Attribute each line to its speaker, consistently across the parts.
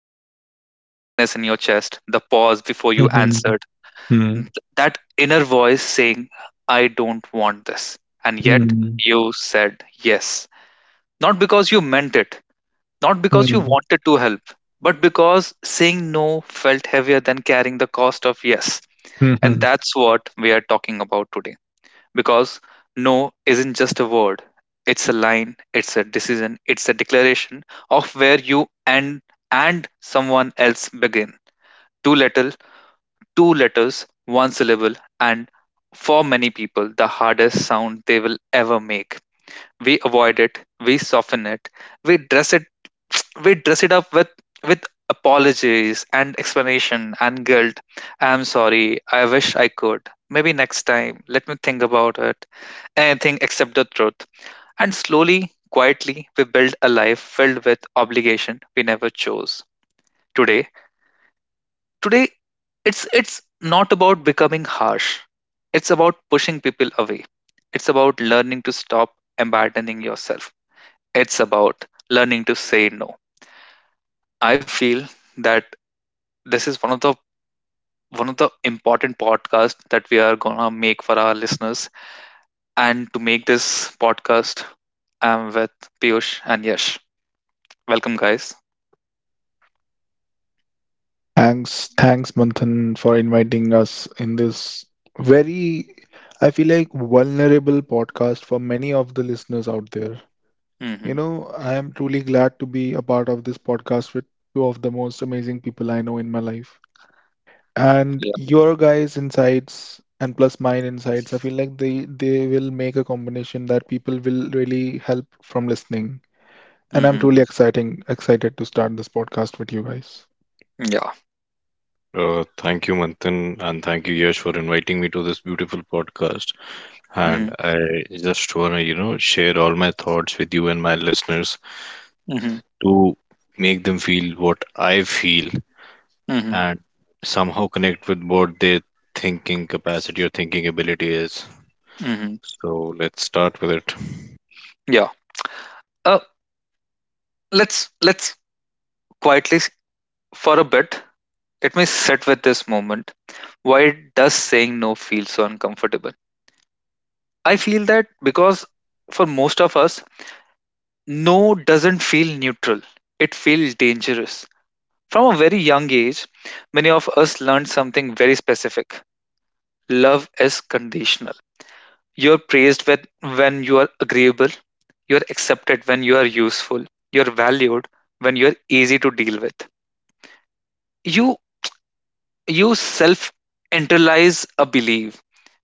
Speaker 1: you? The tightness in your chest, the pause before you
Speaker 2: Mhm,
Speaker 1: answered,
Speaker 2: mhm,
Speaker 1: th- that inner voice saying, I don't want this. And yet
Speaker 2: mhm,
Speaker 1: you said yes. Not because you meant it, not because you
Speaker 2: mhm,
Speaker 1: wanted to help, but because saying no felt heavier than carrying the cost of yes. And
Speaker 2: mhm.
Speaker 1: that's what we are talking about today. Because no isn't just a word, it's a line, it's a decision, it's a declaration of where you and someone else begin. Two little, two letters, one syllable, and for many people, the hardest sound they will ever make. We avoid it, we soften it, we dress it we dress it up with apologies and explanation and guilt. I'm sorry, I wish I could. Maybe next time. Let me think about it. Anything except the truth. And slowly, quietly, we build a life filled with obligation we never chose. today Today it's not about becoming harsh, it's about pushing people away, it's about learning to stop abandoning yourself, it's about learning to say no. I feel that This is one of the important podcasts that we are gonna make for our listeners. And to make this podcast, I'm with Piyush and Yash. Welcome, guys.
Speaker 2: Thanks, Manthan, for inviting us in this very, I feel like, vulnerable podcast for many of the listeners out there. You
Speaker 1: Mm-hmm.
Speaker 2: know, I am truly glad to be a part of this podcast with two of the most amazing people I know in my life. And
Speaker 1: Yeah.
Speaker 2: your guys' insights and plus mine insights, I feel like they will make a combination that people will really help from listening. And I'm
Speaker 1: Mm-hmm.
Speaker 2: truly exciting excited to start this podcast with you guys.
Speaker 1: Yeah.
Speaker 3: Thank you, Manthan, and thank you, Yash, for inviting me to this beautiful podcast. And
Speaker 1: Mm-hmm.
Speaker 3: I just want to, you know, share all my thoughts with you and my listeners
Speaker 1: Mm-hmm.
Speaker 3: to make them feel what I feel
Speaker 1: Mm-hmm.
Speaker 3: and somehow connect with what their thinking capacity or thinking ability is.
Speaker 1: Mm-hmm.
Speaker 3: So let's start with it.
Speaker 1: Yeah. Uh, let's quietly s- for a bit. Let me sit with this moment. Why does saying no feel so uncomfortable? I feel that because for most of us, no doesn't feel neutral. It feels dangerous. From a very young age, many of us learned something very specific. Love is conditional. You're praised when you are agreeable, you're accepted when you are useful, you're valued when you're easy to deal with. You you self internalize a belief.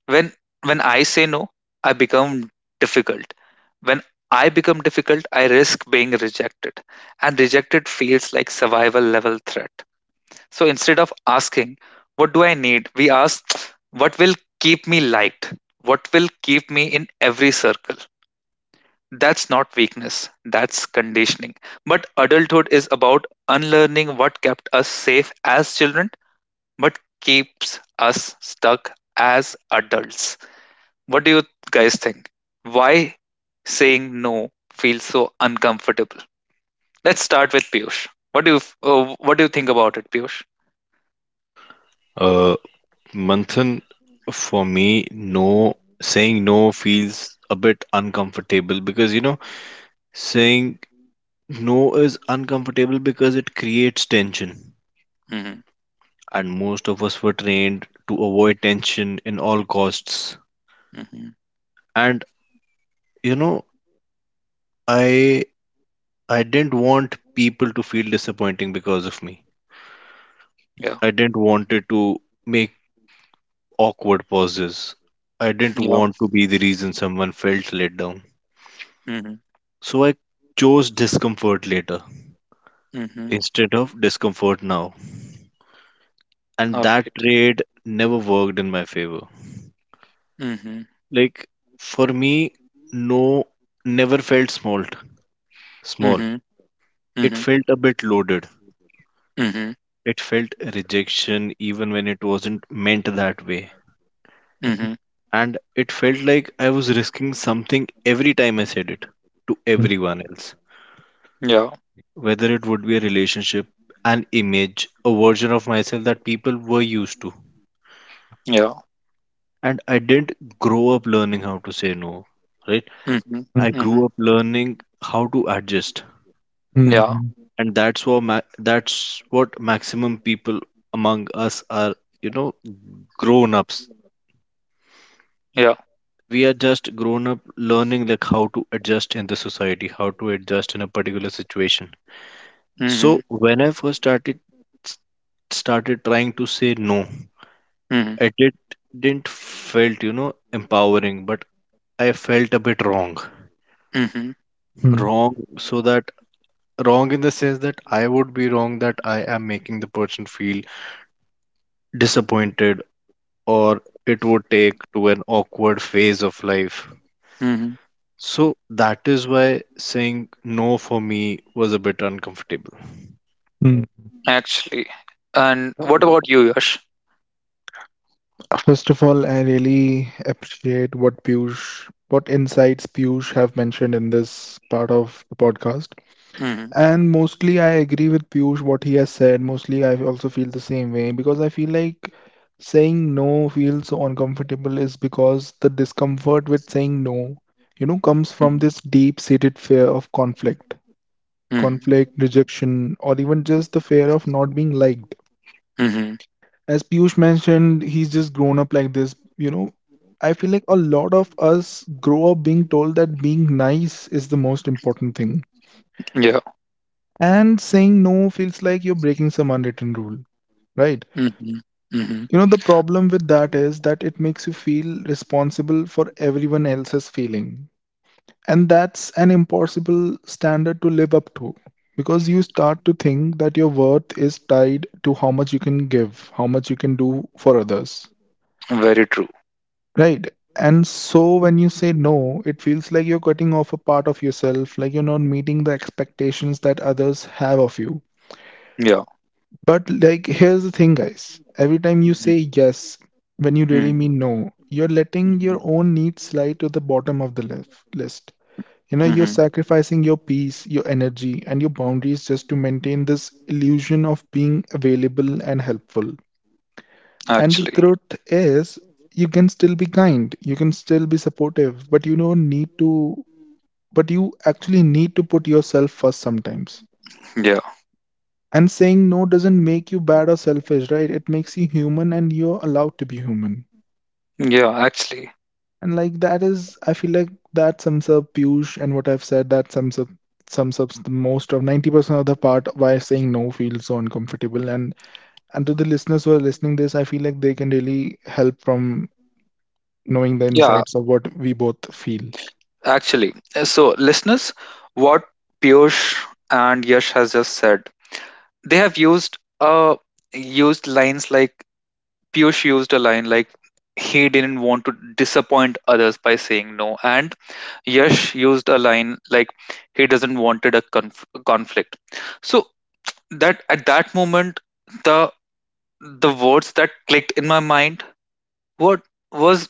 Speaker 1: When when I say no, I become difficult. When I become difficult, I risk being rejected. And rejected feels like survival level threat. So instead of asking, what do I need? We ask, what will keep me liked? What will keep me in every circle? That's not weakness, that's conditioning. But adulthood is about unlearning what kept us safe as children, but keeps us stuck as adults. What do you guys think? Why saying no feels so uncomfortable? Let's start with Piyush. What do you think about it, Piyush?
Speaker 3: Uh, Manthan, for me, no, saying no feels a bit uncomfortable because, you know, saying no is uncomfortable because it creates tension,
Speaker 1: Hmm.
Speaker 3: and most of us were trained to avoid tension in all costs.
Speaker 1: Hmm.
Speaker 3: And you know, I I didn't want people to feel disappointing because of me.
Speaker 1: Yeah.
Speaker 3: I didn't want it to make awkward pauses. I didn't
Speaker 1: Yeah.
Speaker 3: want to be the reason someone felt let down.
Speaker 1: Mhm.
Speaker 3: So I chose discomfort later
Speaker 1: Mhm.
Speaker 3: instead of discomfort now. And that
Speaker 1: Alright.
Speaker 3: trade never worked in my favor.
Speaker 1: Mhm.
Speaker 3: Like for me, no never felt small. Small.
Speaker 1: Mhm.
Speaker 3: It
Speaker 1: Mhm.
Speaker 3: felt a bit loaded.
Speaker 1: Mhm.
Speaker 3: It felt rejection even when it wasn't meant that way.
Speaker 1: Mhm.
Speaker 3: And it felt like I was risking something every time I said it to
Speaker 2: Hmm.
Speaker 3: everyone else.
Speaker 1: Yeah.
Speaker 3: Whether it would be a relationship, an image, a version of myself that people were used to.
Speaker 1: Yeah.
Speaker 3: And I didn't grow up learning how to say no, right?
Speaker 1: Mhm.
Speaker 2: Hmm.
Speaker 3: I
Speaker 1: Mhm.
Speaker 3: grew up learning how to adjust.
Speaker 1: Yeah.
Speaker 2: Hmm.
Speaker 3: And that's what maximum people among us are, you know, grown ups.
Speaker 1: Yeah.
Speaker 3: We are just grown up learning like how to adjust in the society, how to adjust in a particular situation.
Speaker 1: Mhm.
Speaker 3: So when I first started trying to say no,
Speaker 1: Mhm.
Speaker 3: it didn't felt, you know, empowering, but I felt a bit wrong
Speaker 1: Mhm.
Speaker 3: wrong So that wrong in the sense that I would be wrong, that I am making the person feel disappointed, or it would take to an awkward phase of life.
Speaker 1: Mhm.
Speaker 3: So that is why saying no for me was a bit uncomfortable.
Speaker 2: Hmm.
Speaker 1: Actually. And what about you, Yash?
Speaker 2: First of all, I really appreciate what Piyush, what insights Piyush have mentioned in this part of the podcast.
Speaker 1: Mhm.
Speaker 2: And mostly I agree with Piyush what he has said. Mostly I also feel the same way because I feel like saying no feels so uncomfortable is because the discomfort with saying no, you know, comes from
Speaker 1: Mhm.
Speaker 2: this deep-seated fear of conflict.
Speaker 1: Mhm.
Speaker 2: Conflict, rejection, or even just the fear of not being liked.
Speaker 1: Mhm.
Speaker 2: As Piyush mentioned, he's just grown up like this. You know, I feel like a lot of us grow up being told that being nice is the most important thing.
Speaker 1: Yeah.
Speaker 2: And saying no feels like you're breaking some unwritten rule, right?
Speaker 1: Mhm. Mhm.
Speaker 2: You know, the problem with that is that it makes you feel responsible for everyone else's feeling. And that's an impossible standard to live up to because you start to think that your worth is tied to how much you can give, how much you can do for others,
Speaker 1: Very true.
Speaker 2: right? And so when you say no, it feels like you're cutting off a part of yourself, like you're not meeting the expectations that others have of you.
Speaker 1: Yeah.
Speaker 2: But like, here's the thing, guys. Every time you say
Speaker 1: Mhm.
Speaker 2: yes, when you really
Speaker 1: Mhm.
Speaker 2: mean no, you're letting your
Speaker 1: Mhm.
Speaker 2: own needs slide to the bottom of the list. You know, you're
Speaker 1: Mhm.
Speaker 2: sacrificing your peace, your energy, and your boundaries just to maintain this illusion of being available and helpful. And the
Speaker 1: Actually.
Speaker 2: truth is, you can still be kind, you can still be supportive, but you don't need to, but you actually need to put yourself first sometimes.
Speaker 1: Yeah.
Speaker 2: And saying no doesn't make you bad or selfish, right? It makes you human and you're allowed to be human.
Speaker 1: Yeah, actually.
Speaker 2: And like that is, I feel like that sums up Piyush and what I've said. That sums up the most of 90% of the part why saying no feels so uncomfortable. And to the listeners who are listening this, I feel like they can really help from knowing the
Speaker 1: Yeah,
Speaker 2: insights of what we both feel.
Speaker 1: actually. So, listeners, what Piyush and Yash has just said, they have used used lines like, Piyush used a line like, he didn't want to disappoint others by saying no, and Yash used a line like, he doesn't wanted a conflict. So that at that moment, the the words that clicked in my mind what was,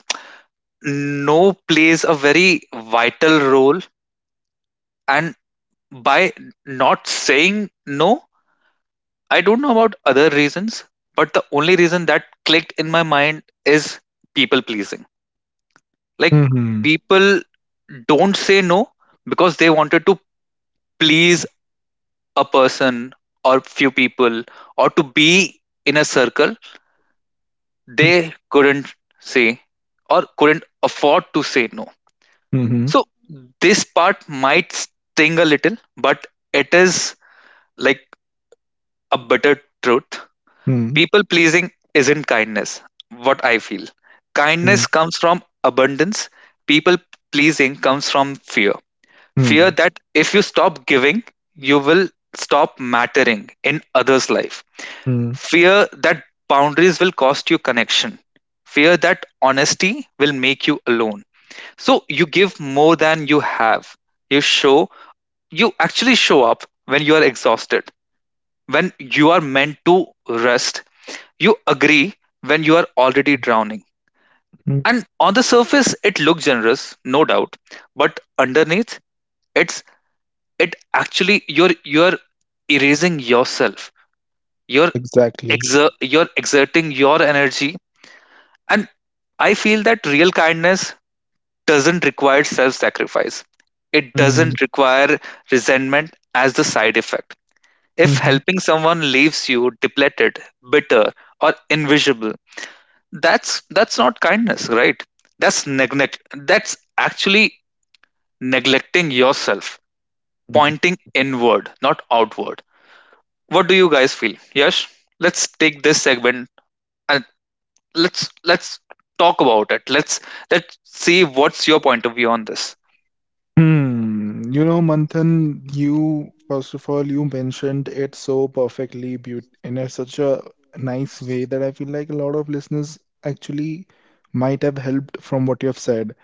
Speaker 1: no plays a very vital role, and by not saying no, I don't know about other reasons, but the only reason that clicked in my mind is people pleasing. Like
Speaker 2: Mm-hmm.
Speaker 1: people don't say no because they wanted to please a person or few people or to be in a circle they couldn't say or couldn't afford to say no.
Speaker 2: Mm-hmm.
Speaker 1: So this part might sting a little, but it is like a bitter truth.
Speaker 2: Mm-hmm.
Speaker 1: People-pleasing isn't kindness, what I feel.
Speaker 2: Mm-hmm.
Speaker 1: Kindness comes from abundance. People-pleasing comes from fear. Fear
Speaker 2: Mm-hmm.
Speaker 1: that if you stop giving, you will stop mattering in others' life.
Speaker 2: Mm-hmm.
Speaker 1: Fear that boundaries will cost you connection. Fear that honesty will make you alone. So you give more than you have. You show, you actually show up when you are exhausted, when you are meant to rest, you agree when you are already drowning. And on the surface, it looks generous, no doubt, but underneath, it's it actually you're erasing yourself. You're
Speaker 2: Exactly.
Speaker 1: you're exerting your energy, and I feel that real kindness doesn't require self-sacrifice. It
Speaker 2: Mm,
Speaker 1: doesn't require resentment as the side effect. If
Speaker 2: mhm,
Speaker 1: helping someone leaves you depleted, bitter, or invisible, that's not kindness, right? That's neglect, that's actually neglecting yourself,
Speaker 2: mm.
Speaker 1: pointing inward not outward. What do you guys feel? Yes, let's take this segment and let's talk about it. Let's see what's your point of view on this.
Speaker 2: Hmm. You know, Manthan, you first of all, you mentioned it so perfectly beaut in a, such a nice way that I feel like a lot of listeners actually might have helped from what you have said.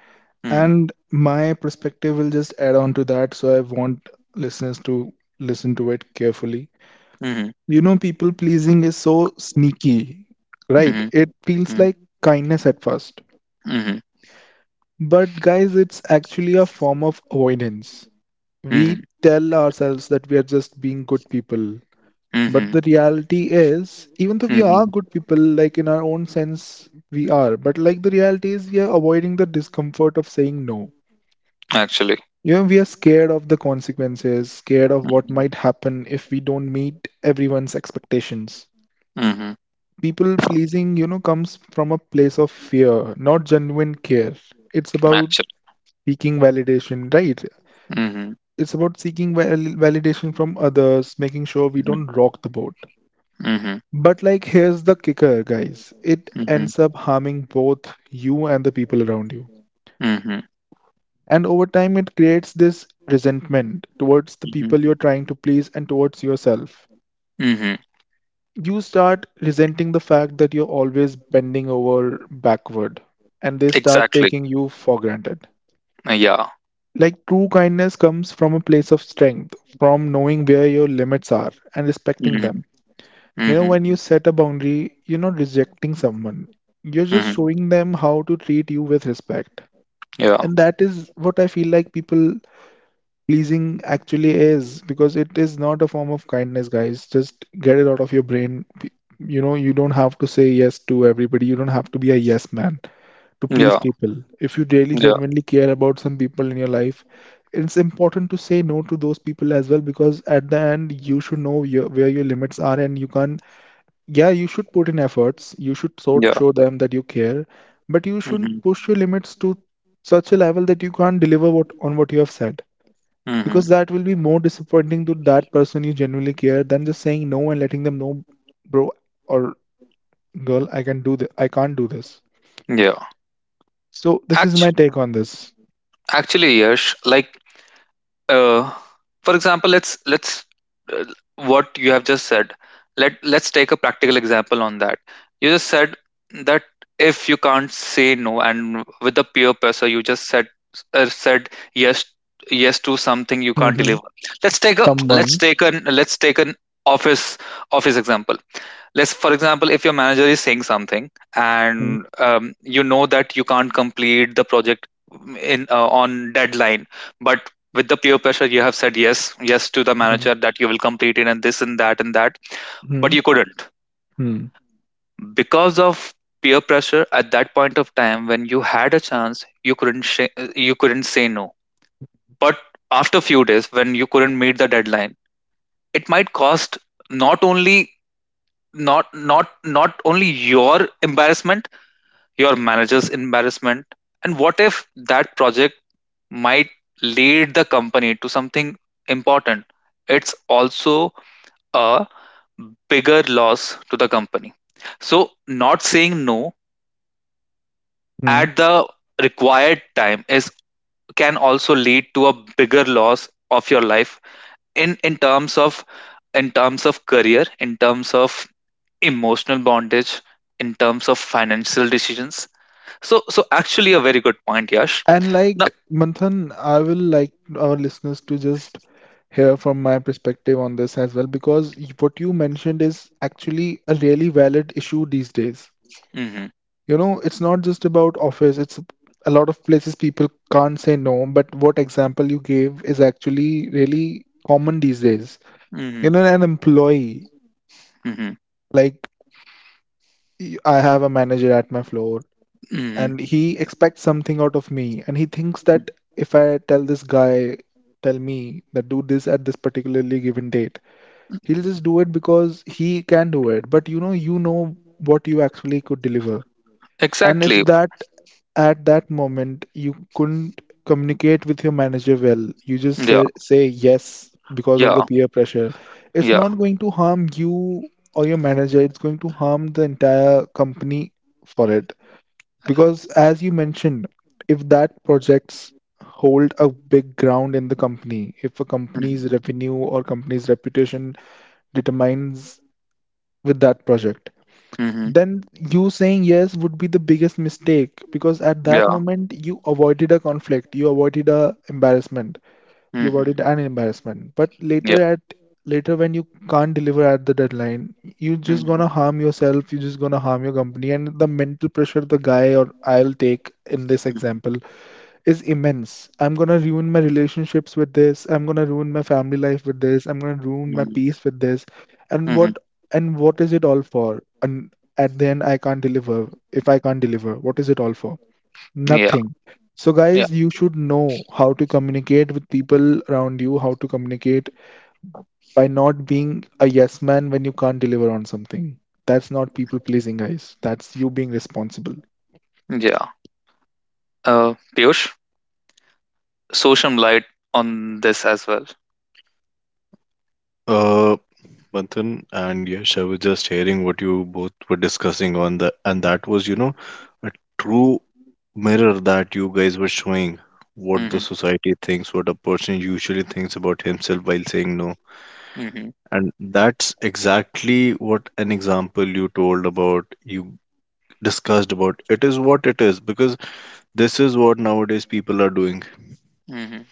Speaker 1: Mm-hmm.
Speaker 2: And my perspective will just add on to that, so I want listeners to listen to it carefully.
Speaker 1: Hmm.
Speaker 2: You know, people pleasing is so sneaky, right?
Speaker 1: Hmm.
Speaker 2: It feels
Speaker 1: Hmm.
Speaker 2: like kindness at first.
Speaker 1: Hmm.
Speaker 2: But guys, it's actually a form of avoidance.
Speaker 1: Hmm.
Speaker 2: We
Speaker 1: Hmm.
Speaker 2: tell ourselves that we are just being good people. But
Speaker 1: Hmm.
Speaker 2: the reality is, even though
Speaker 1: Hmm.
Speaker 2: we
Speaker 1: Hmm.
Speaker 2: are good people, like in our own sense, we are. But like the reality is, we are avoiding the discomfort of saying no.
Speaker 1: Actually.
Speaker 2: You know, we are scared of the consequences, scared of what
Speaker 1: Hmm.
Speaker 2: might happen if we don't meet everyone's expectations.
Speaker 1: Hmm. Hmm.
Speaker 2: People pleasing, you know, comes from a place of fear, not genuine care. It's about
Speaker 1: Actually.
Speaker 2: seeking validation, right?
Speaker 1: Hmm. Hmm.
Speaker 2: It's about seeking validation from others, making sure we
Speaker 1: Mhm.
Speaker 2: don't rock the boat.
Speaker 1: Mhm.
Speaker 2: But like here's the kicker, guys. It
Speaker 1: Mhm.
Speaker 2: ends up harming both you and the people around you.
Speaker 1: Mhm.
Speaker 2: And over time it creates this resentment towards the
Speaker 1: Mhm.
Speaker 2: people you're trying to please and towards yourself.
Speaker 1: Mhm.
Speaker 2: You start resenting the fact that you're always bending over backward and they start
Speaker 1: Exactly.
Speaker 2: taking you for granted.
Speaker 1: Yeah.
Speaker 2: Like true kindness comes from a place of strength, from knowing where your limits are and respecting
Speaker 1: Mhm.
Speaker 2: them. You know,
Speaker 1: Mhm.
Speaker 2: when you set a boundary, you're not rejecting someone. You're just
Speaker 1: Mhm.
Speaker 2: showing them how to treat you with respect.
Speaker 1: Yeah.
Speaker 2: And that is what I feel like people pleasing actually is because it is not a form of kindness, guys. Just get it out of your brain. You know, you don't have to say yes to everybody. You don't have to be a yes man to please
Speaker 1: Yeah.
Speaker 2: people. If you really
Speaker 1: Yeah.
Speaker 2: genuinely care about some people in your life, it's important to say no to those people as well because at the end, you should know your, where your limits are and you can't, yeah, you should put in efforts. You should sort
Speaker 1: Yeah.
Speaker 2: show them that you care, but you shouldn't
Speaker 1: Mhm.
Speaker 2: push your limits to such a level that you can't deliver what on what you have said. Because
Speaker 1: Mhm.
Speaker 2: that will be more disappointing to that person you genuinely care than just saying no and letting them know, bro or girl, I can do this. I can't do this.
Speaker 1: Yeah.
Speaker 2: So this is my
Speaker 1: Act-
Speaker 2: take on this.
Speaker 1: Actually, Yash, like uh, for example, let's uh, what you have just said, let let's take a practical example on that. You just said that if you can't say no and with the peer pressure you just said yes yes to something you can't
Speaker 2: Mm-hmm.
Speaker 1: deliver.
Speaker 2: Someone.
Speaker 1: Let's take an office office example. Let's for example, if your manager is saying something and you know that you can't complete the project in on deadline, but with the peer pressure you have said yes to the
Speaker 2: Mm-hmm.
Speaker 1: manager that you will complete it, and this and that and that.
Speaker 2: Hmm.
Speaker 1: But you couldn't
Speaker 2: Hmm.
Speaker 1: because of peer pressure at that point of time. When you had a chance you couldn't sh- you couldn't say no. But after a few days when you couldn't meet the deadline, it might cost not only, not only your embarrassment, your manager's embarrassment, and what if that project might lead the company to something important? It's also a bigger loss to the company. So, not saying no at the required time is can also lead to a bigger loss of your life in terms of, in terms of career, in terms of emotional bondage, in terms of financial decisions. So, so actually, a very good point, Yash.
Speaker 2: And
Speaker 1: Now,
Speaker 2: like Manthan, I will like our listeners to just here from my perspective on this as well because what you mentioned is actually a really valid issue these days.
Speaker 1: Mhm.
Speaker 2: You know, it's not just about office, it's a lot of places people can't say no, but what example you gave is actually really common these days. You
Speaker 1: Mhm.
Speaker 2: know, an employee,
Speaker 1: Mhm.
Speaker 2: like I have a manager at my floor
Speaker 1: Mhm.
Speaker 2: and he expects something out of me and he thinks that if I tell this guy, tell me that do this at this particularly given date, he'll just do it because he can do it. But you know what you actually could deliver. And if
Speaker 1: Exactly.
Speaker 2: that at that moment you couldn't communicate with your manager well, you just
Speaker 1: Yeah.
Speaker 2: say yes because of
Speaker 1: Yeah.
Speaker 2: the peer pressure, it's
Speaker 1: Yeah.
Speaker 2: not going to harm you or your manager, it's going to harm the entire company for it. Because as you mentioned, if that projects hold a big ground in the company, if a company's
Speaker 1: Mhm.
Speaker 2: revenue or company's reputation determines with that project,
Speaker 1: Mhm.
Speaker 2: then you saying yes would be the biggest mistake because at that
Speaker 1: Yeah.
Speaker 2: moment you avoided a conflict, you avoided a embarrassment, you
Speaker 1: Mhm.
Speaker 2: avoided an embarrassment. But
Speaker 1: Yeah.
Speaker 2: later when you can't deliver at the deadline, you're just
Speaker 1: Mhm.
Speaker 2: gonna harm yourself, you're just gonna harm your company and the mental pressure the guy or I'll take in this
Speaker 1: Mhm.
Speaker 2: example is immense. I'm gonna ruin my relationships with this. I'm gonna ruin my family life with this. I'm gonna ruin my
Speaker 1: Mhm.
Speaker 2: peace with this. And
Speaker 1: Mhm.
Speaker 2: what, and what is it all for? And at the end, I can't deliver. If I can't deliver, what is it all for?
Speaker 1: Yeah.
Speaker 2: Nothing. So,
Speaker 1: Yeah.
Speaker 2: guys, you should know how to communicate with people around you, how to communicate by not being a yes man when you can't deliver on something. That's not people pleasing, guys. That's you being responsible.
Speaker 1: Yeah. Piyush, throw some light on this as well.
Speaker 3: Uh, Manthan and Yash, I was just hearing what you both were discussing on the, and that was, you know, a true mirror that you guys were showing what the
Speaker 1: Mhm.
Speaker 3: society thinks, what a person usually thinks about himself while saying no.
Speaker 1: Mhm.
Speaker 3: And that's exactly what an example you told about, you discussed about. It is what it is because this is what nowadays people are doing.
Speaker 1: Mhm.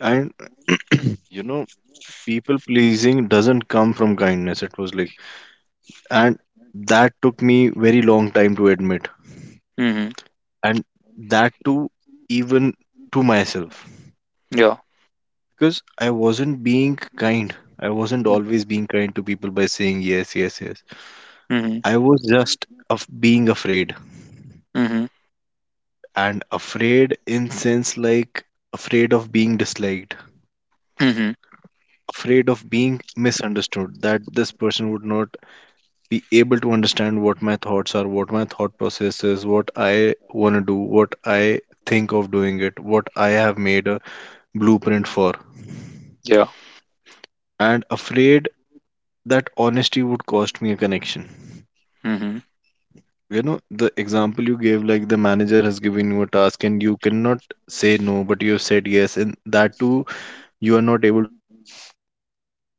Speaker 3: And you know, people pleasing doesn't come from kindness. It was like, and that took me very long time to admit.
Speaker 1: Mhm.
Speaker 3: And that too, even to myself.
Speaker 1: Yeah.
Speaker 3: Because I wasn't being kind. I wasn't always being kind to people by saying yes, yes, yes.
Speaker 1: Mhm.
Speaker 3: I was just of being afraid.
Speaker 1: Mhm.
Speaker 3: And afraid in sense like afraid of being disliked,
Speaker 1: Mhm.
Speaker 3: afraid of being misunderstood, that this person would not be able to understand what my thoughts are, what my thought process is, what I want to do, what I think of doing it, what I have made a blueprint for,
Speaker 1: Yeah.
Speaker 3: and afraid that honesty would cost me a connection.
Speaker 1: Mhm.
Speaker 3: You know, the example you gave, like the manager has given you a task and you cannot say no, but you have said yes, and that too, you are not able to deliver that work properly.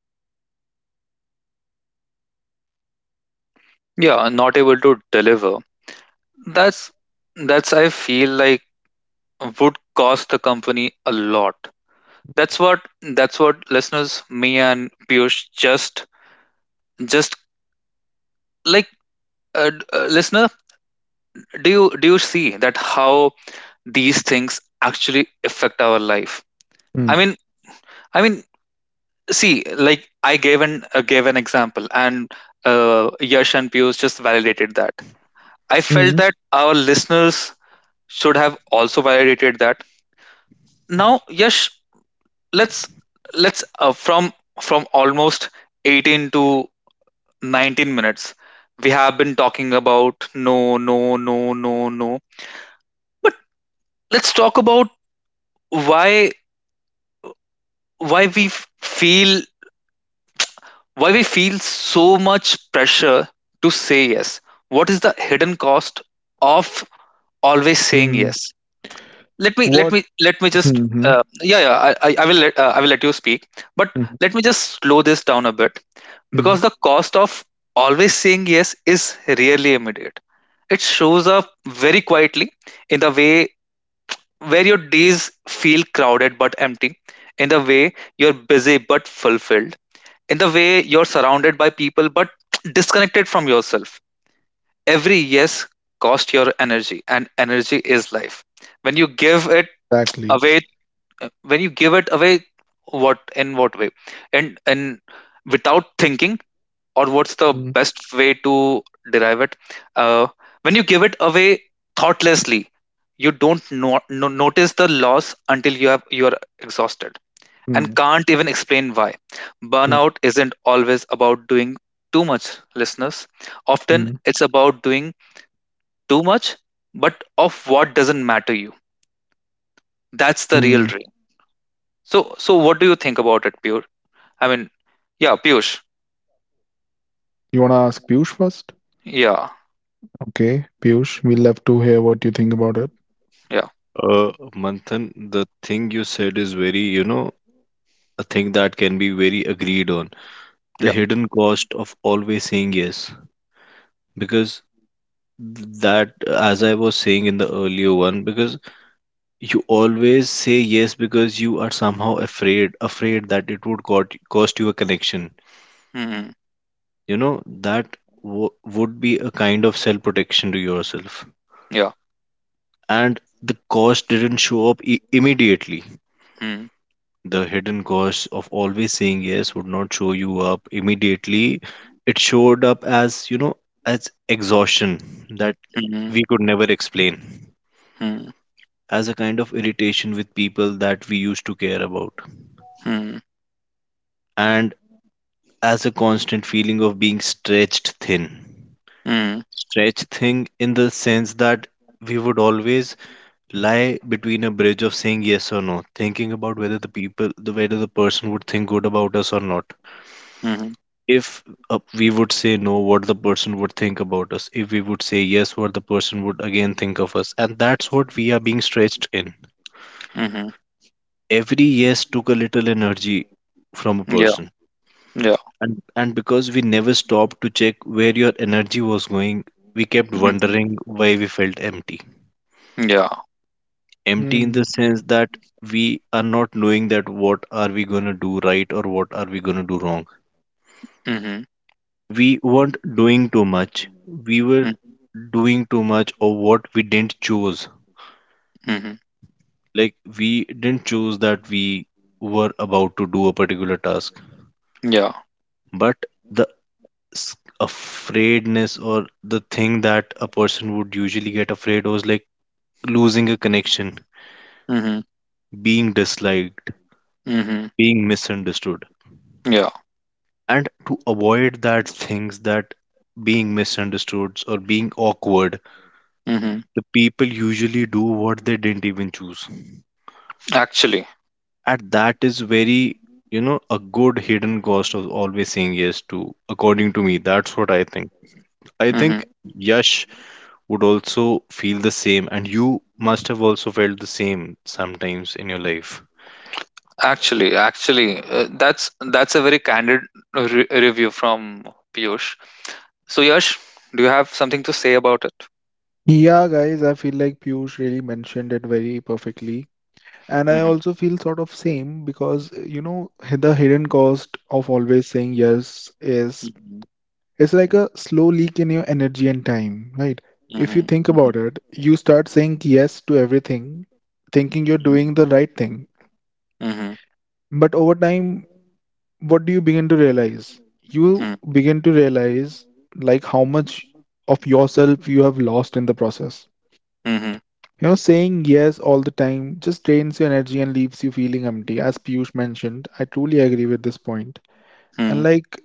Speaker 3: And the yes you say is like
Speaker 1: Yeah. Not able to
Speaker 3: because
Speaker 1: deliver.
Speaker 3: you are afraid that
Speaker 1: That's
Speaker 3: the honesty
Speaker 1: I
Speaker 3: you would
Speaker 1: feel
Speaker 3: have in
Speaker 1: like
Speaker 3: saying no
Speaker 1: would
Speaker 3: would
Speaker 1: cost the
Speaker 3: cost
Speaker 1: company
Speaker 3: you
Speaker 1: a lot. That's
Speaker 3: a
Speaker 1: what
Speaker 3: connection
Speaker 1: listeners, me
Speaker 3: between
Speaker 1: and Piyush
Speaker 3: you and your
Speaker 1: just
Speaker 3: manager.
Speaker 1: just like listener,
Speaker 3: And it is
Speaker 1: do you
Speaker 3: like,
Speaker 1: see that how these things actually affect our life? I mean, I mean, see, like I gave an example, and Yash and Piyush just validated that. I felt
Speaker 2: Mm-hmm.
Speaker 1: that our listeners should have also validated that. Now, Yash, let's let's from almost 18 to 19 minutes. We have been talking about no, no, no, no, no. Let's talk about why why we f- feel why we feel so much pressure to say yes. What is the hidden cost of always saying yes? let me let
Speaker 2: What?
Speaker 1: me let me just
Speaker 2: Mm-hmm.
Speaker 1: yeah yeah I will I will let you speak, but let me just slow this down a bit
Speaker 2: Mm,
Speaker 1: because the cost of always saying yes is rarely immediate. It shows up very quietly, in the way where your days feel crowded but empty, in the way you're busy but fulfilled, in the way you're surrounded by people but disconnected from yourself. Every yes costs your energy, and energy is life. when you give it
Speaker 2: exactly.
Speaker 1: away when you give it away, what in what way and without thinking or what's the
Speaker 2: Mm,
Speaker 1: best way to derive it uh, when you give it away thoughtlessly, you don't notice the loss until you are exhausted and
Speaker 2: mm,
Speaker 1: can't even explain why.
Speaker 2: mm,
Speaker 1: Burnout isn't always about doing too much, listeners. Often
Speaker 2: mm,
Speaker 1: it's about doing too much but of what doesn't matter you. That's the real
Speaker 2: mm.
Speaker 1: dream. So, so what do you think about it, Pure? I mean, yeah, Piyush.
Speaker 2: You wanna ask Piyush first?
Speaker 1: Yeah,
Speaker 2: Okay, Piyush, we love to hear what you think about it.
Speaker 1: yeah,
Speaker 3: uh, Manthan, the thing you said is very, you know, a thing that can be very agreed on. The
Speaker 1: yeah.
Speaker 3: hidden cost of always saying yes, because that, as I was saying in the earlier one, because you always say yes because you are somehow afraid, afraid that it would got, cost you a connection.
Speaker 1: Mm-hmm.
Speaker 3: You know, that w- would be a kind of self protection to yourself,
Speaker 1: Yeah.
Speaker 3: and the cost didn't show up immediately.
Speaker 1: Mm-hmm.
Speaker 3: The hidden cost of always saying yes would not show you up immediately. It showed up as, you know, as exhaustion that
Speaker 1: Mm-hmm.
Speaker 3: we could never explain, as a kind of irritation with people that we used to care about,
Speaker 1: Mm-hmm.
Speaker 3: and as a constant feeling of being stretched thin.
Speaker 1: Mm-hmm.
Speaker 3: Stretched thin in the sense that we would always lie between a bridge of saying yes or no, thinking about whether the people, the whether the person would think good about us or not. If we would say no, what the person would think about us. If we would say yes, what the person would again think of us. And that's what we are being stretched in.
Speaker 1: Mm-hmm.
Speaker 3: Every yes took a little energy from a
Speaker 1: Yeah.
Speaker 3: person.
Speaker 1: Yeah.
Speaker 3: And because we never stopped to check where your energy was going, we kept
Speaker 1: Mm-hmm.
Speaker 3: wondering why we felt empty.
Speaker 1: Yeah.
Speaker 3: Empty in the
Speaker 2: Mm.
Speaker 3: sense that we are not knowing that what are we going to do right or what are we going to do wrong.
Speaker 1: Mm-hmm.
Speaker 3: We weren't doing too much, we were
Speaker 1: Mm-hmm.
Speaker 3: doing too much of what we didn't choose.
Speaker 1: Mm-hmm.
Speaker 3: Like we didn't choose that we were about to do a particular task,
Speaker 1: Yeah.
Speaker 3: but the s- afraidness or the thing that a person would usually get afraid was like losing a connection,
Speaker 1: Mm-hmm.
Speaker 3: being disliked,
Speaker 1: Mm-hmm.
Speaker 3: being misunderstood,
Speaker 1: Yeah.
Speaker 3: and to avoid that things that being misunderstood or being awkward,
Speaker 1: Mm-hmm.
Speaker 3: the people usually do what they didn't even choose.
Speaker 1: Actually.
Speaker 3: And that is very, you know, a good hidden cost of always saying yes to, according to me, that's what I think.
Speaker 1: Mm-hmm.
Speaker 3: Yash would also feel the same, and you must have also felt the same sometimes in your life.
Speaker 1: Actually. Actually, that's a very review from Piyush. So, Yash, do you have something to say about it?
Speaker 2: Yeah, guys, I feel like Piyush really mentioned it very perfectly. And I
Speaker 1: Mm-hmm.
Speaker 2: also feel sort of same because, you know, the hidden cost of always saying yes is
Speaker 1: Mm-hmm.
Speaker 2: it's like a slow leak in your energy and time, right? If you
Speaker 1: Mm-hmm.
Speaker 2: think
Speaker 1: Mm-hmm.
Speaker 2: about it, you start saying yes to everything, thinking you're doing the right thing.
Speaker 1: Mm-hmm.
Speaker 2: But over time, what do you begin to realize? You begin to realize like how much of yourself you have lost in the process.
Speaker 1: Mhm,
Speaker 2: You know, saying yes all the time just drains your energy and leaves you feeling empty. As Piyush mentioned, I truly agree with this point. And
Speaker 1: mhm,
Speaker 2: like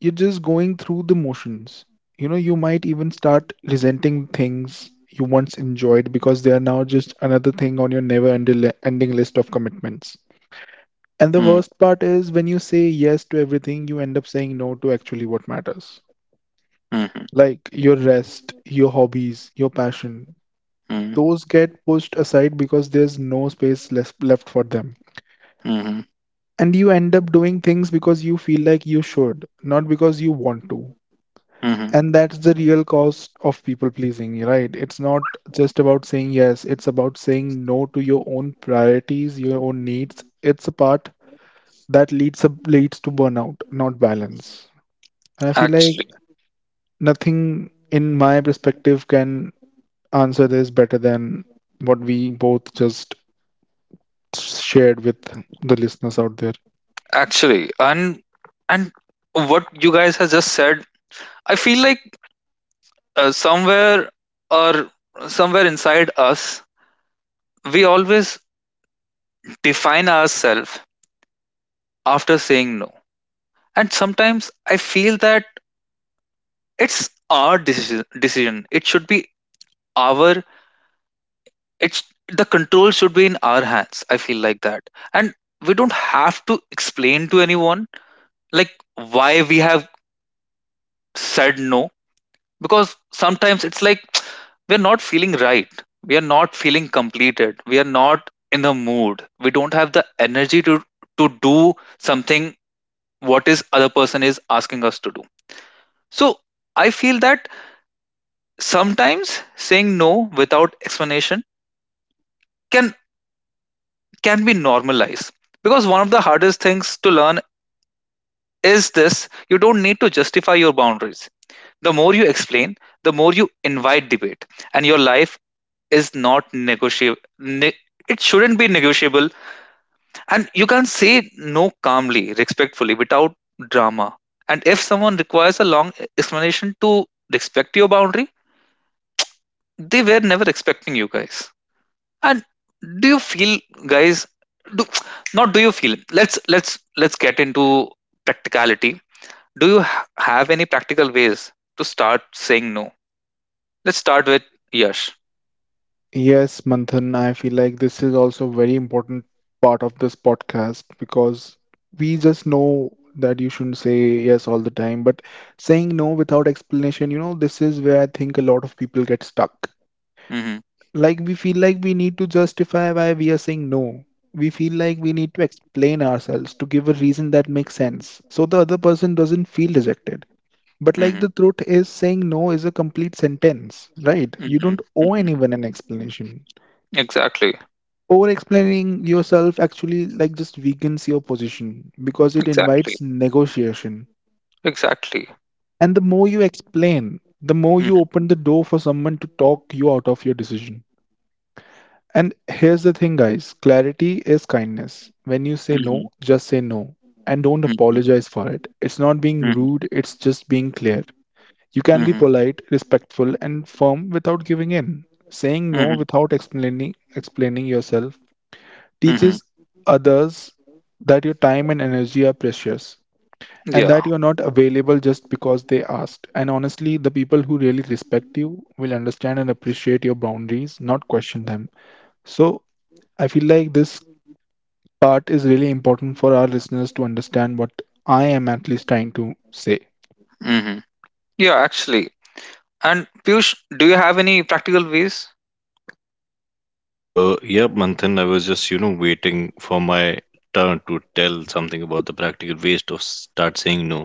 Speaker 2: you're just going through the motions. You know, you might even start resenting things you once enjoyed because they are now just another thing on your never ending list of commitments. And the
Speaker 1: mhm,
Speaker 2: worst part is when you say yes to everything, you end up saying no to actually what matters.
Speaker 1: mhm,
Speaker 2: Like your rest, your hobbies, your passion,
Speaker 1: mhm,
Speaker 2: those get pushed aside because there's no space less left for them.
Speaker 1: mhm,
Speaker 2: And you end up doing things because you feel like you should, not because you want to.
Speaker 1: mhm.
Speaker 2: And that's the real cost of people pleasing, right? It's not just about saying yes, it's about saying no to your own priorities, your own needs. It's a part that leads to burnout, not balance. And I feel like
Speaker 1: Actually,
Speaker 2: nothing in my perspective can answer this better than what we both just shared with the listeners out there.
Speaker 1: actually, and and what you guys have just said, I feel like uh, somewhere or somewhere inside us, we always define ourselves after saying no, and sometimes I feel that it's our decision. It should be our. It's The control should be in our hands. I feel like that, and we don't have to explain to anyone like why we have said no, because sometimes it's like, we're not feeling right, we are not feeling completed, we are not in the mood, we don't have the energy to do something what is other person is asking us to do. So I feel that sometimes saying no without explanation can can be normalized, because one of the hardest things to learn is this: you don't need to justify your boundaries. The more you explain, the more you invite debate, and your life is not negotiable. It shouldn't be negotiable, and you can say no calmly, respectfully, without drama. And if someone requires a long explanation to respect your boundary, they were never expecting you, guys. And do you feel, guys? Do, not do you feel? Let's get into practicality. Do you have any practical ways to start saying no? Let's start with Yash.
Speaker 2: Yes, Manthan, I feel like this is also a very important part of this podcast because we just know that you shouldn't say yes all the time, but saying no without explanation, you know, this is where I think a lot of people get stuck.
Speaker 1: Mhm,
Speaker 2: Like we feel like we need to justify why we are saying no. We feel like we need to explain ourselves to give a reason that makes sense so the other person doesn't feel rejected. But like
Speaker 1: mhm,
Speaker 2: the truth is, saying no is a complete sentence, right? You don't
Speaker 1: mhm,
Speaker 2: owe
Speaker 1: mhm.
Speaker 2: anyone an explanation.
Speaker 1: Exactly,
Speaker 2: Over explaining yourself actually like just weakens your position because it
Speaker 1: exactly,
Speaker 2: invites negotiation.
Speaker 1: exactly.
Speaker 2: And the more you explain, the more you
Speaker 1: Mhm,
Speaker 2: open the door for someone to talk you out of your decision. And here's the thing, guys, clarity is kindness. When you say
Speaker 1: mhm,
Speaker 2: no, just say no and don't
Speaker 1: mhm,
Speaker 2: apologize for it. It's not being
Speaker 1: mhm,
Speaker 2: rude, it's just being clear. You can be
Speaker 1: mhm,
Speaker 2: polite, respectful, and firm without giving in. Saying
Speaker 1: mhm,
Speaker 2: no without explaining yourself
Speaker 1: mhm.
Speaker 2: teaches others that your time and energy are precious and
Speaker 1: Yeah,
Speaker 2: that you're not available just because they asked. And honestly, the people who really respect you will understand and appreciate your boundaries, not question them. So, I feel like this part is really important for our listeners to understand what I am at least trying to say.
Speaker 1: mhm. Yeah, actually. And Piyush, do you have any practical ways?
Speaker 3: yeah, Manthan, I was just, you know, waiting for my turn to tell something about the practical waste of start saying no,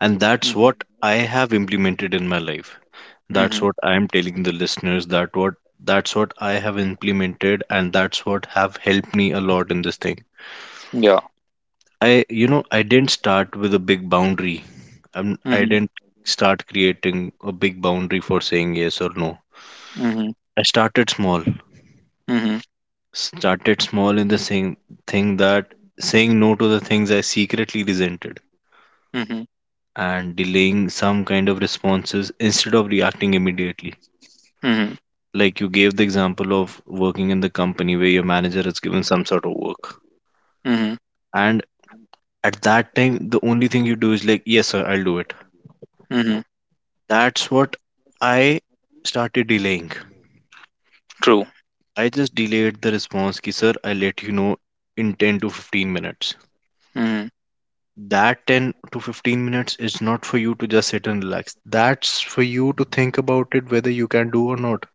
Speaker 3: and that's
Speaker 1: Mhm,
Speaker 3: what I have implemented in my life. That's
Speaker 1: mhm.
Speaker 3: what I am telling the listeners that what that's what I have implemented, and that's what have helped me a lot in this thing.
Speaker 1: Yeah.
Speaker 3: I, you know, I didn't start with a big boundary. I'm, i
Speaker 1: Mhm,
Speaker 3: didn't start creating a big boundary for saying yes or no.
Speaker 1: mhm,
Speaker 3: I started small
Speaker 1: mhm,
Speaker 3: started small in the same thing that saying no to the things I secretly resented,
Speaker 1: mhm,
Speaker 3: and delaying some kind of responses instead of reacting immediately.
Speaker 1: mhm,
Speaker 3: Like you gave the example of working in the company where your manager has given some sort of work,
Speaker 1: mhm,
Speaker 3: and at that time the only thing you do is like, yes sir, I'll do it.
Speaker 1: mhm.
Speaker 3: That's what I started delaying.
Speaker 1: True.
Speaker 3: I just delayed the response, ki sir, I'll let you know in 10 to 15 minutes.
Speaker 1: Mhm.
Speaker 3: That 10 to 15 minutes is not for you to just sit and relax, that's for you to think about it whether you can do or not.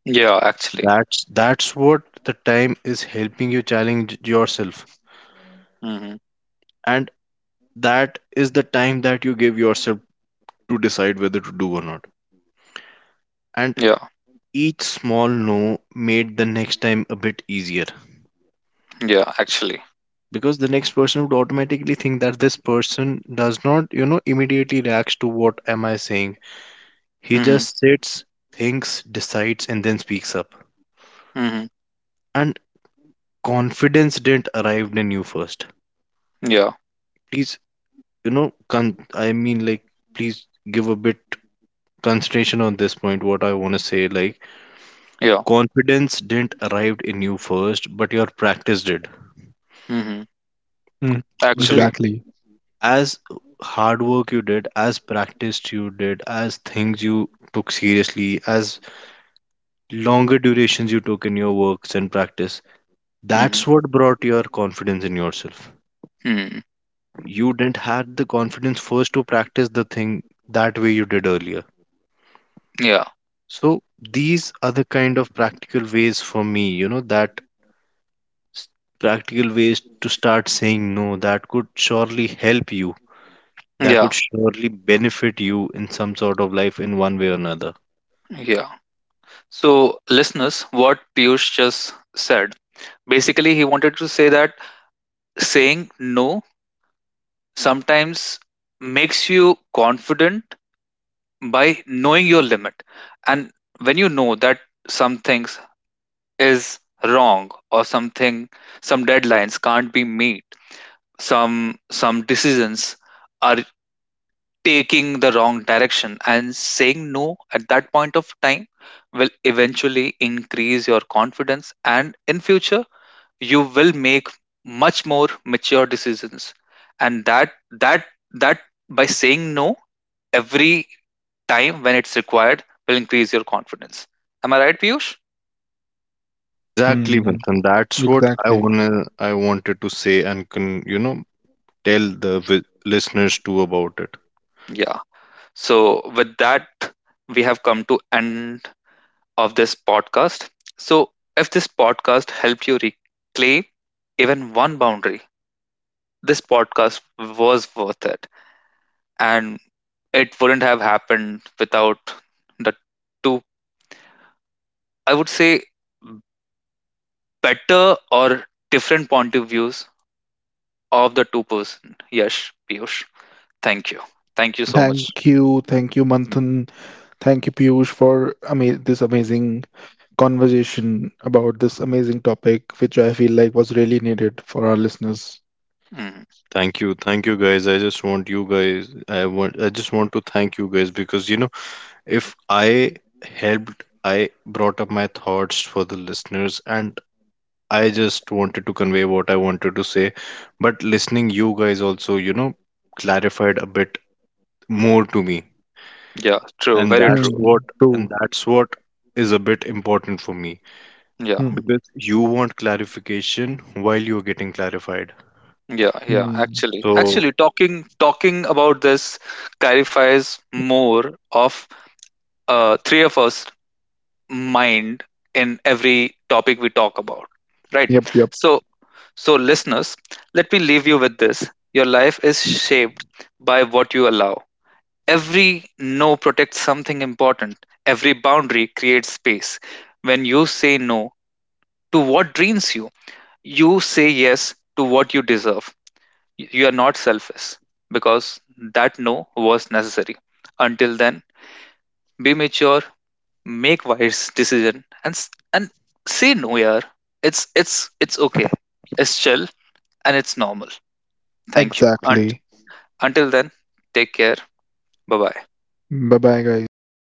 Speaker 1: Yeah, actually.
Speaker 3: That's that's what the time is helping you challenge yourself,
Speaker 1: Mhm.
Speaker 3: and that is the time that you give yourself to decide whether to do or not. And
Speaker 1: Yeah,
Speaker 3: each small no made the next time a bit easier,
Speaker 1: yeah, actually.
Speaker 3: because the next person would automatically think that this person does not, you know, immediately reacts to what am I saying. He
Speaker 1: Mhm,
Speaker 3: just sits, thinks, decides, and then speaks up.
Speaker 1: mhm.
Speaker 3: And confidence didn't arrive in you first.
Speaker 1: Yeah,
Speaker 3: Please, you know, I mean, like, please give a bit consideration on this point. What I want to say, like
Speaker 1: yeah.
Speaker 3: confidence didn't arrive in you first, but your practice did,
Speaker 1: Mhm.
Speaker 2: Mm,
Speaker 3: because
Speaker 1: Actually.
Speaker 2: exactly.
Speaker 3: as hard work you did, as practice you did, as things you took seriously, as longer durations you took in your works and practice,
Speaker 1: Mhm,
Speaker 3: that's what brought your confidence in yourself.
Speaker 1: mhm.
Speaker 3: You didn't had the confidence first to practice the thing that way you did earlier.
Speaker 1: Yeah,
Speaker 3: So these are the kind of practical ways for me, you know, that s- practical ways to start saying no that could surely help you, that
Speaker 1: yeah.
Speaker 3: could surely benefit you in some sort of life in one way or another.
Speaker 1: Yeah. So, listeners, what Piyush just said, basically, he wanted to say that saying no sometimes makes you confident by knowing your limit. And when you know that some things is wrong or something, some deadlines can't be met, some decisions are taking the wrong direction, and saying no at that point of time will eventually increase your confidence, and in future you will make much more mature decisions, and that by saying no every time when it's required will increase your confidence. Am I right, Piyush?
Speaker 3: Exactly,
Speaker 2: Mm,
Speaker 3: Vincent. That's what I
Speaker 2: exactly.
Speaker 3: wanna, I wanted to say and can, you know, tell the listeners too about it.
Speaker 1: Yeah. So with that, we have come to end of this podcast. So if this podcast helped you reclaim even one boundary, this podcast was worth it. And it wouldn't have happened without the two, I would say, better or different point of views of the two person. Yes, Piyush, thank you. Thank you so much.
Speaker 2: Thank you. Thank you, Manthan. Thank you, Piyush, for this amazing conversation about this amazing topic, which I feel like was really needed for our listeners.
Speaker 1: Mhm.
Speaker 3: Thank you guys. I just want you guys, I want, I just want to thank you guys because you know, if I helped, I brought up my thoughts for the listeners and I just wanted to convey what I wanted to say, but listening you guys also, you know, clarified a bit more to me.
Speaker 1: Yeah, true,
Speaker 3: and
Speaker 1: very
Speaker 3: that's
Speaker 1: true.
Speaker 3: what
Speaker 2: Mm,
Speaker 3: and
Speaker 2: true.
Speaker 3: that's what is a bit important for me,
Speaker 1: yeah
Speaker 2: Mm,
Speaker 3: because you want clarification while you're getting clarified,
Speaker 1: yeah
Speaker 2: mm.
Speaker 1: Actually, actually,
Speaker 3: so
Speaker 1: talking about this clarifies more of three of us mind in every topic we talk about, right?
Speaker 2: Yep, yep.
Speaker 1: So, so listeners, let me leave you with this. Your life is shaped by what you allow. Every no protects something important. Every boundary creates space. When you say no to what drains you, you say yes to what you deserve. You are not selfish because that no was necessary. Until then, be mature, make wise decision, and say no, yeah. It's okay. It's chill and it's normal. Thank you. Unt-
Speaker 2: Exactly.
Speaker 1: until then, take care. Bye bye.
Speaker 2: Bye bye, guys.